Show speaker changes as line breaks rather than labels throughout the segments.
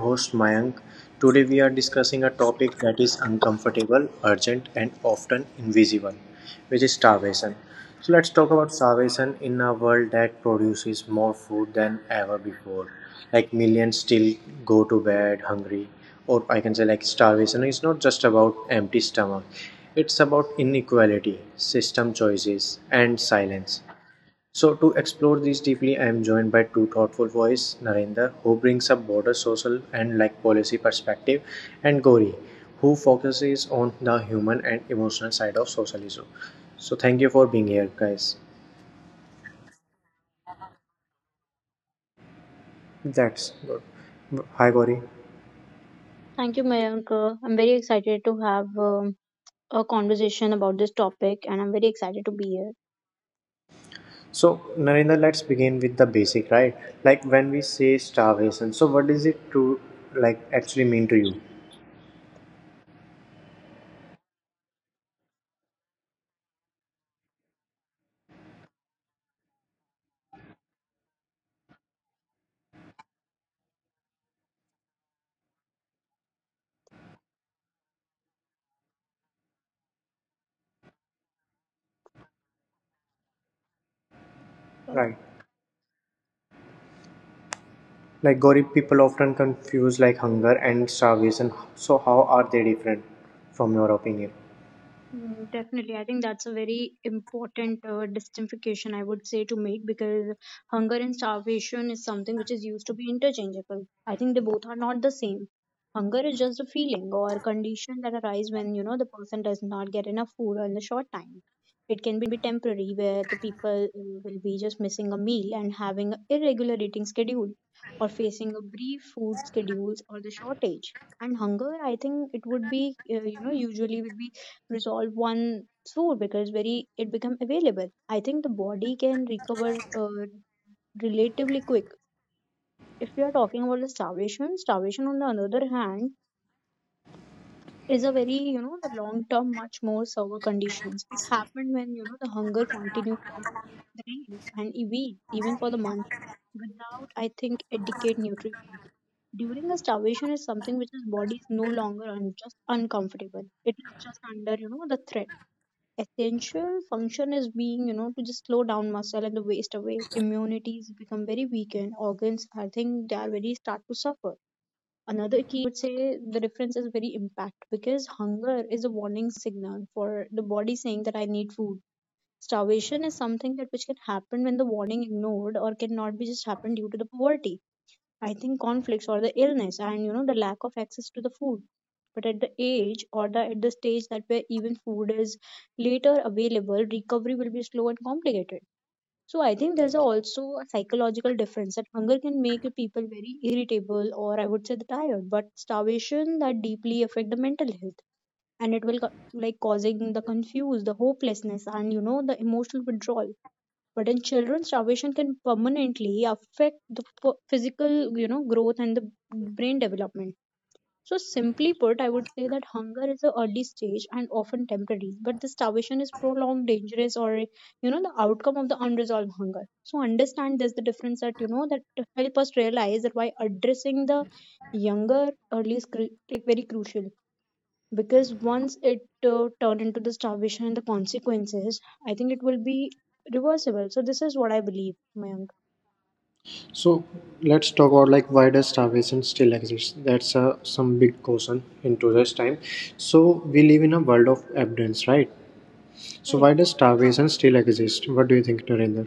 host Mayank. Today we are discussing a topic that is uncomfortable, urgent, and often invisible, which is starvation. So let's talk about starvation in a world that produces more food than ever before. Like, millions still go to bed hungry, or I can say like starvation is not just about empty stomach. It's about inequality, system choices, and silence. So, to explore these deeply, I am joined by two thoughtful voices, Narendra, who brings up broader social and like policy perspective, and Gauri, who focuses on the human and emotional side of socialism. So, thank you for being here, guys. That's good. Hi, Gauri.
Thank you, Mayank. I'm very excited to have a conversation about this topic, and I'm very excited to be
So, Narendra, let's begin with the basic, right? Like, when we say starvation, so what does it to like actually mean to you?
here.
Right. Like, Gorib people often confuse like hunger and starvation. So how are they different from your opinion?
Mm, definitely. I think that's a very important distinction I would say to make because hunger and starvation is something which is used to be interchangeable. I think they both are not the same. Hunger is just a feeling or condition that arise when, the person does not get enough food in the short time. It can be temporary where the people will be just missing a meal and having an irregular eating schedule or facing a brief food schedules or the shortage. And hunger, I think it would be, usually will be resolve one food because very it become available. I think the body can recover relatively quick if we are talking about the starvation. Starvation, on the other hand, is a very the long term much more severe conditions. It happened when the hunger continue for days and a week even for the month without I think adequate nutrition. During a starvation is something which is body is no longer just uncomfortable. It is just under the threat. Essential function is being to just slow down muscle and the waste away. Immunities become very weakened. Organs I think they are very start to suffer. Another key I would say the difference is very impact because hunger is a warning signal for the body saying that I need food. Starvation is something that which can happen when the warning ignored or cannot be just happen due to the poverty. I think conflicts or the illness and the lack of access to the food. But at the age or the at the stage that where even food is later available, recovery will be slow and complicated. So I think there's a also a psychological difference that hunger can make people very irritable or I would say the tired, but starvation that deeply affect the mental health and it will like causing the confuse, the hopelessness, and the emotional withdrawal. But in children, starvation can permanently affect the physical, growth and the brain development. So simply put, I would say that hunger is an early stage and often temporary, but the starvation is prolonged, dangerous, or the outcome of the unresolved hunger. So understand this, the difference that to help us realize that why addressing the younger early is like very crucial because once it turned into the starvation and the consequences, I think it will be reversible. So this is what I believe, Mayank.
So let's talk about like why does starvation still exist? That's a some big question in today's time. So we live in a world of abundance, right? So
Correct.
why does starvation still exist? What do you think, Narendra?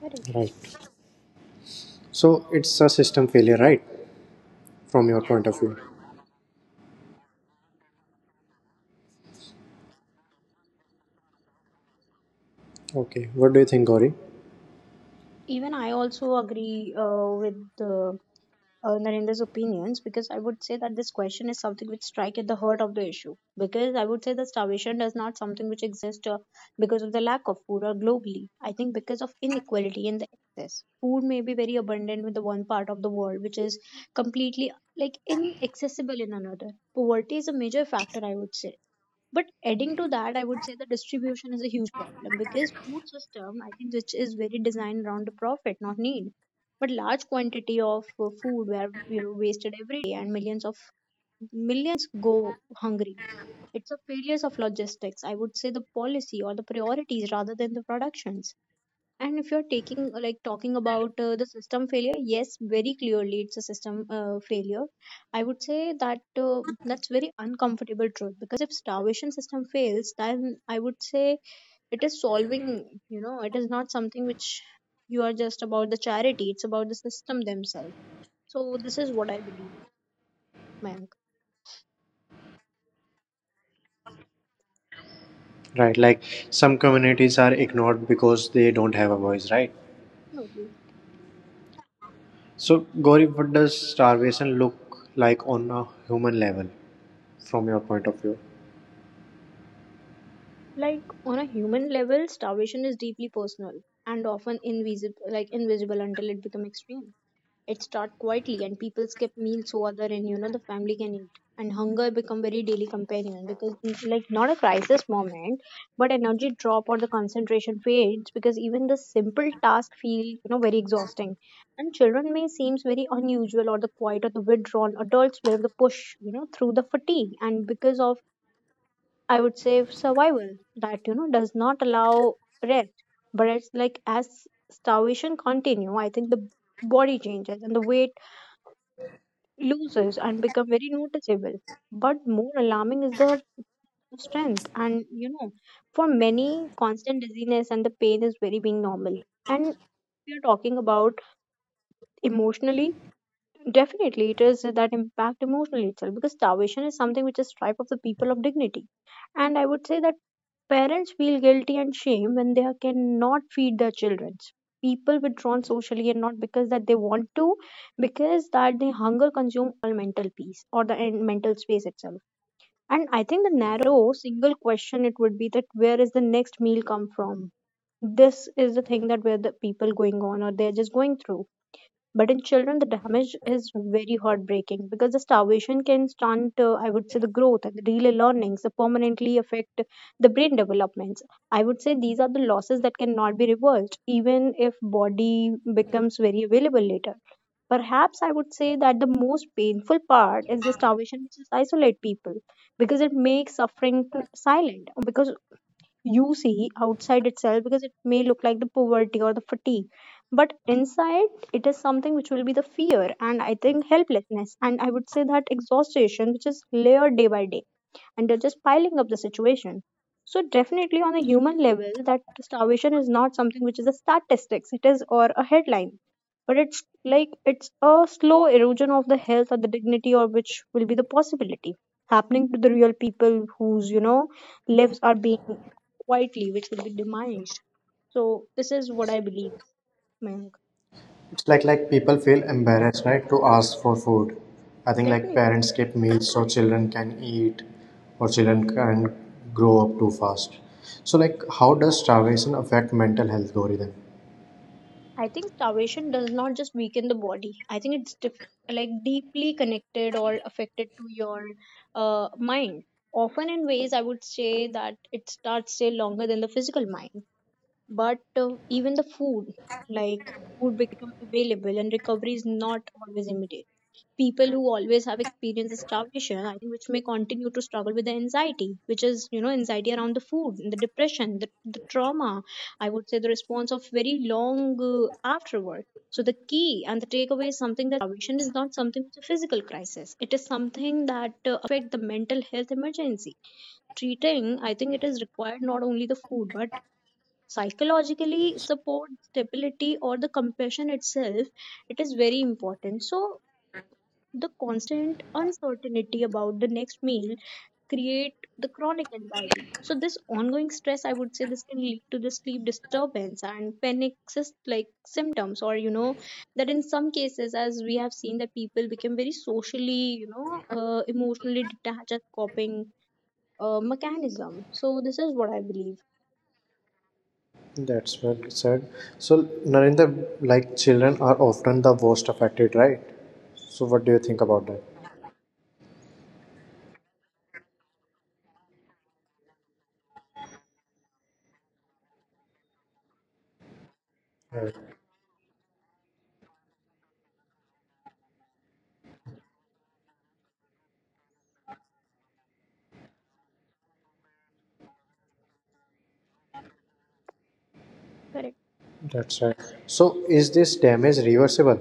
Correct.
Right. So it's a system failure, right? From your point of view. Okay. What do you think, Gauri?
Even I also agree with uh, Narendra's opinions because I would say that this question is something which strike at the heart of the issue. Because I would say that starvation does not something which exists because of the lack of food or globally. I think because of inequality in the access. Food may be very abundant with the one part of the world which is completely like inaccessible in another. Poverty is a major factor, I would say, but adding to that I would say the distribution is a huge problem because food system I think which is very designed around the profit not need but large quantity of food were wasted every day and millions of millions go hungry. It's a failures of logistics, I would say the policy or the priorities rather than the productions. And if you're taking like talking about the system failure, yes very clearly it's a system failure. I would say that that's very uncomfortable truth because if starvation system fails then I would say it is solving it is not something which you are just about the charity. It's about the system themselves. So this is what I believe, Mayank.
Right. Like, some communities are ignored because they don't have a voice, right?
Absolutely.
So, Gauri, what does starvation look like on a human level from your point of view?
Like on a human level, starvation is deeply personal and often invisible, like invisible until it becomes extreme. It starts quietly, and people skip meals so other and the family can eat. And hunger become very daily companion because it's like not a crisis moment, but energy drop or the concentration fades because even the simple task feel very exhausting. And children may seems very unusual or the quiet or the withdrawn. Adults where the push through the fatigue and because of I would say survival that does not allow rest. But it's like as starvation continue, I think the body changes and the weight loses and become very noticeable. But more alarming is the strength, and for many, constant dizziness and the pain is very being normal. And we are talking about emotionally. Definitely, it is that impact emotionally itself because starvation is something which is stripe of the people of dignity. And I would say that parents feel guilty and shame when they cannot feed their children. People withdrawn socially and not because that they want to, because that they hunger consume all mental peace or the mental space itself. And I think the narrow single question it would be that where is the next meal come from? This is the thing that where the people going on or they're just going through. But in children, the damage is very heartbreaking because the starvation can stunt, I would say, the growth and the daily learnings, the permanently affect the brain developments. I would say these are the losses that cannot be reversed, even if body becomes very available later. Perhaps I would say that the most painful part is the starvation which is isolate people because it makes suffering silent. Because you see outside itself because it may look like the poverty or the fatigue but inside it is something which will be the fear and I think helplessness and I would say that exhaustion which is layered day by day and they're just piling up the situation. So definitely on a human level, that starvation is not something which is a statistics, it is or a headline. But it's like it's a slow erosion of the health or the dignity or which will be the possibility happening to the real people whose, lives are being quietly, which will be demised. So this is what I believe, Mayank.
It's like people feel embarrassed, right, to ask for food. I think like
Definitely.
parents keep meals so children can eat, or children can grow up too fast. So like, how does starvation affect mental health, Gauri? Then
I think starvation does not just weaken the body. I think it's like deeply connected or affected to your mind. Often in ways I would say that it starts say longer than the physical mind but even the like food becomes available and recovery is not always immediate. People who always have experienced starvation, I think which may continue to struggle with the anxiety, which is anxiety around the food, the depression, the trauma. I would say the response of very long afterward. So the key and the takeaway is something that starvation is not something which is a physical crisis. It is something that affect the mental health emergency. Treating I think it is required not only the food but psychologically support stability or the compassion itself. It is very important. So the constant uncertainty about the next meal create the chronic anxiety. So this ongoing stress I would say this can lead to the sleep disturbance and panic like symptoms or that in some cases as we have seen that people become very socially emotionally detached as coping mechanism. So this is what I believe.
That's well said. So Narendra, like children are often the worst affected, right? So what do you think about that? Yeah,
Correct.
that's right. So is this damage reversible?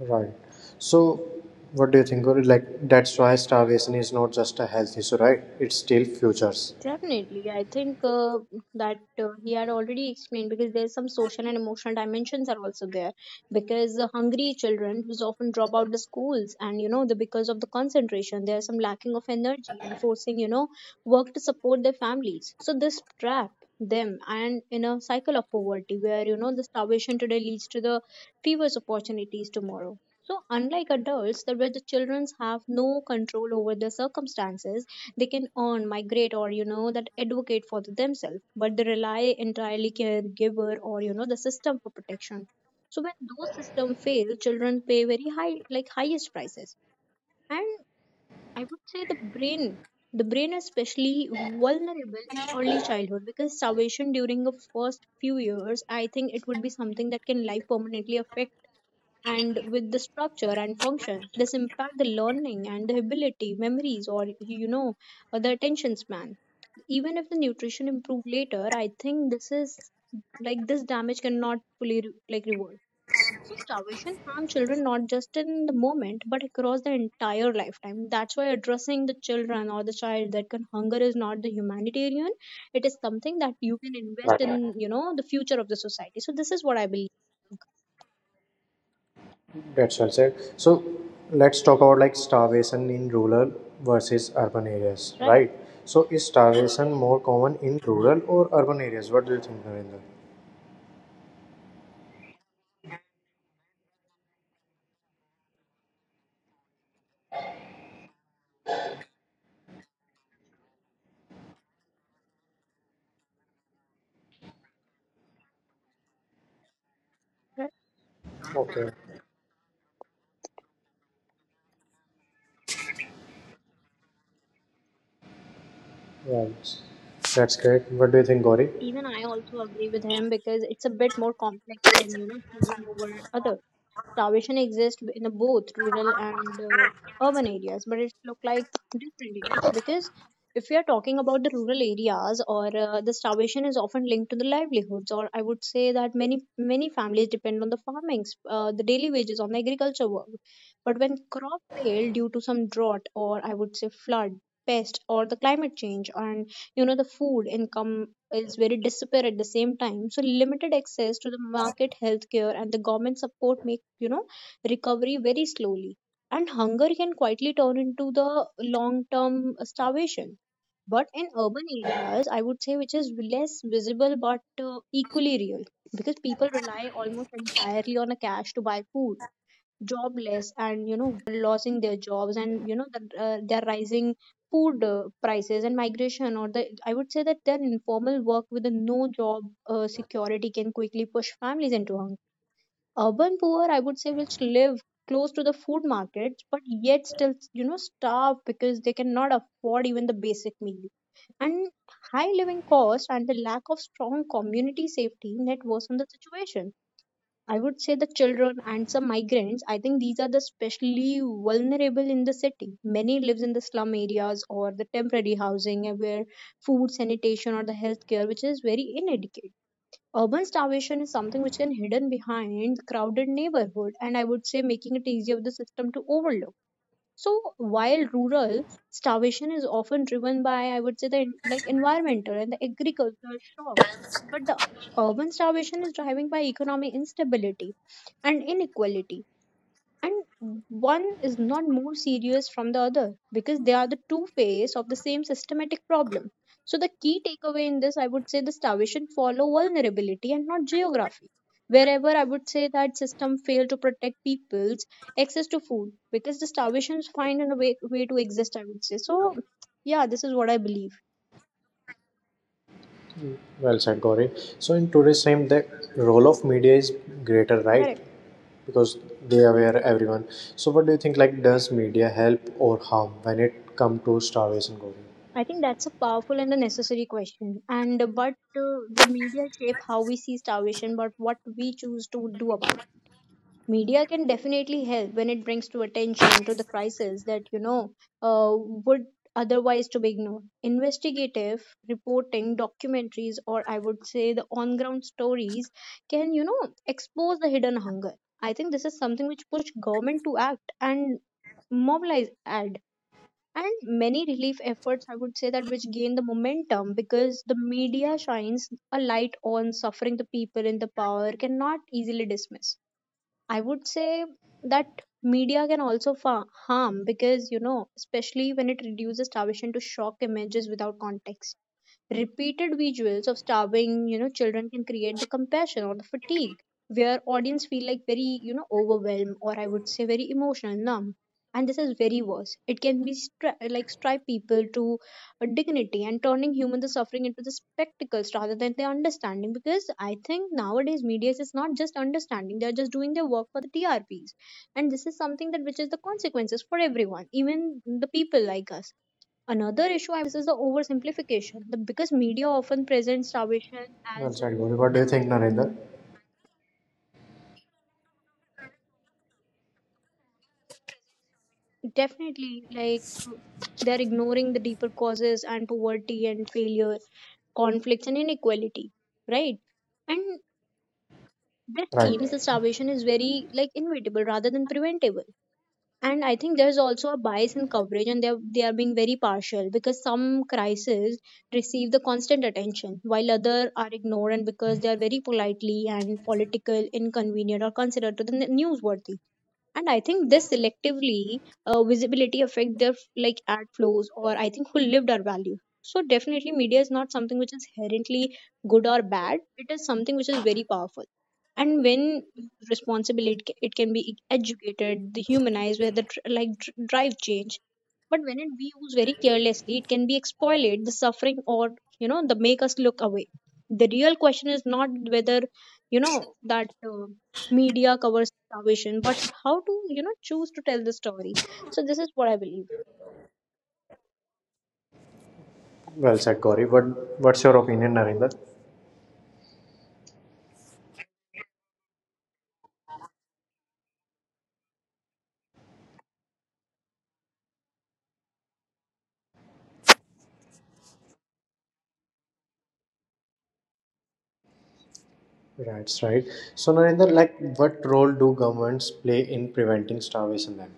Right. So, what do you think, Gauri? Like, that's why starvation is not just a health issue, right? It's still futures.
Definitely, I think that he had already explained because there's some social and emotional dimensions are also there because the hungry children who's often drop out the schools and the because of the concentration there's some lacking of energy and forcing work to support their families. So this trap them and in a cycle of poverty where the starvation today leads to the fewest opportunities tomorrow. So unlike adults, that where the children have no control over their circumstances they can earn, migrate, or that advocate for themselves, but they rely entirely caregiver or the system for protection. So when those systems fail, children pay very high, like highest prices. And I would say the brain is especially vulnerable in early childhood because starvation during the first few years, I think it would be something that can life permanently affect and with the structure and function this impact the learning and the ability memories or or the attention span even if the nutrition improve later. I think this is like this damage cannot fully reverse. So starvation harm children not just in the moment but across the entire lifetime. That's why addressing the children or the child that can hunger is not the humanitarian, it is something that you can invest
Right.
in, the future of the society. So this is what I believe,
That's well said. So, let's talk about like starvation in rural versus urban areas,
right?
right? So, is starvation more common in rural or urban areas? What do you think, Narendra? Okay. Right. That's great. What do you think, Gauri?
Even I also agree with him because it's a bit more complex than choosing over other. Starvation exists in the both rural and urban areas, but it look like different image because if we are talking about the rural areas or the starvation is often linked to the livelihoods or I would say that many families depend on the farming, the daily wages on the agriculture work. But when crop fail due to some drought or I would say flood, pest or the climate change and the food income is very despair at the same time. So limited access to the market healthcare and the government support make recovery very slowly. And hunger can quietly turn into the long term starvation. But in urban areas, I would say which is less visible but equally real because people rely almost entirely on a cash to buy food jobless and they're losing their jobs and they're rising food prices and migration or the I would say that their informal work with a no job security can quickly push families into hunger urban poor I would say which live close to the food markets but yet still starve because they cannot afford even the basic meal and high living costs and the lack of strong community safety net worsen the situation. I would say the children and some migrants, I think these are the especially vulnerable in the city. Many lives in the slum areas or the temporary housing where food, sanitation or the healthcare which is very inadequate. Urban starvation is something which can hidden behind crowded neighborhood and I would say making it easier for the system to overlook. So while rural starvation is often driven by, I would say, the environmental and the agricultural shock, but the urban starvation is driven by economic instability and inequality and one is not more serious from the other because they are the two faces of the same systematic problem. So the key takeaway in this I would say the starvation follow vulnerability and not geography wherever I would say that system fail to protect people's access to food because the starvations find a way to exist I would say. So yeah, this is what I believe,
Well said, Gauri. So, in today's time, the role of media is greater, right?
correct.
Because they aware everyone. So what do you think, like does media help or harm when it come to starvation, Gauri?
I think that's a powerful and a necessary question and but the media shape how we see starvation but what we choose to do about media can definitely help when it brings to attention to the crisis that would otherwise to be ignored investigative reporting documentaries or I would say the on ground stories can expose the hidden hunger. I think this is something which push government to act and mobilize ad and many relief efforts I would say that which gain the momentum because the media shines a light on suffering the people in the power cannot easily dismiss. I would say that media can also harm because, especially when it reduces starvation to shock images without context. Repeated visuals of starving, children can create the compassion or the fatigue where audience feel like very, overwhelmed or I would say very emotional, numb. And this is very worse. It can be stripe people to a dignity and turning human the suffering into the spectacles rather than the understanding. Because I think nowadays media is not just understanding; they are just doing their work for the TRPs and this is something that which is the consequences for everyone even the people like us. Another issue, I would say, this is the oversimplification. The Because media often presents starvation
Well
as
said, Gauri. What do you think, Narendra?
definitely like they're ignoring the deeper causes and poverty and failure, conflicts and inequality, right? And this seems the
Right.
starvation is very like inevitable rather than preventable. And I think there's also a bias in coverage and they are being very partial because some crises receive the constant attention while other are ignored and because they are very politely and political inconvenient or considered to the newsworthy. And I think this selectively visibility affect their like ad flows or I think who lived our value. So definitely media is not something which is inherently good or bad. It is something which is very powerful and when responsibility it can be educated the humanized where the drive change but when it be used very carelessly it can be exploited the suffering or the make us look away. The real question is not whether you know that media covers salvation but how to choose to tell the story. So this is what I believe.
Well said, Gauri. What's your opinion, Narendra? That's right. So, Narendra, like what role do governments play in preventing starvation then?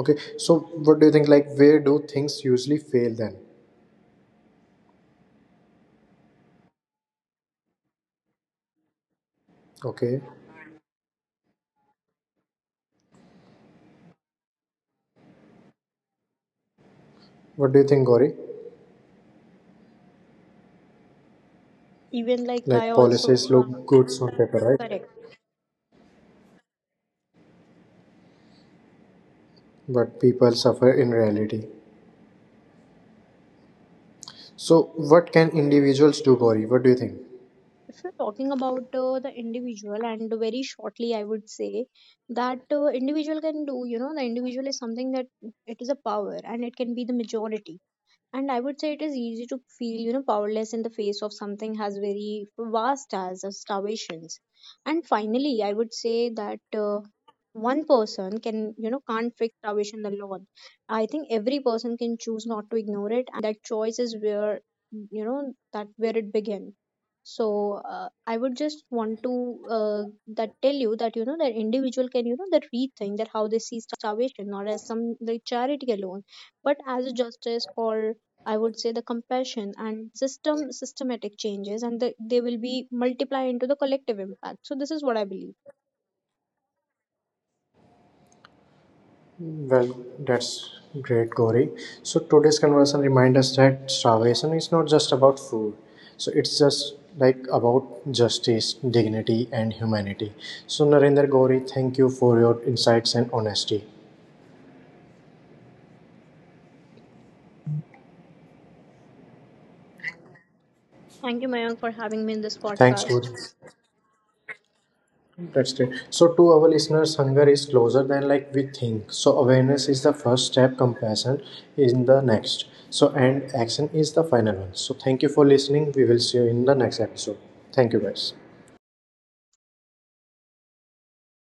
Okay. So what do you think, like where do things usually fail then? Okay. What do you think, Gauri?
Even like I
Like,
also
policies look
uh,
good on paper, right,
correct.
but people suffer in reality. So, what can individuals do, Gauri? What do you think?
If you're talking about the individual and very shortly I would say that individual can do the individual is something that it is a power and it can be the majority. And I would say it is easy to feel powerless in the face of something as very vast as starvations. And finally I would say that one person can can't fix starvation alone. I think every person can choose not to ignore it and that choice is where you know that where it begins. So I would just want to uh, that tell you that individual can you know that rethink that how they see starvation not as some the charity alone but as a justice or I would say the compassion and systematic changes, and they will be multiplied into the collective impact. So this is what I believe.
Well, that's great, Gauri. So, today's conversation reminds us that starvation is not just about food. So, it's just like about justice, dignity, and humanity. So, Narendra, Gauri, thank you for your insights and honesty.
Thank you, Mayank, for having me in this
Thanks,
podcast.
Gauri. That's great. So, to our listeners, hunger is closer than like we think. So, awareness is the first step, compassion is the next. So, and action is the final one. So, thank you for listening. We will see you in the next episode. Thank you, guys.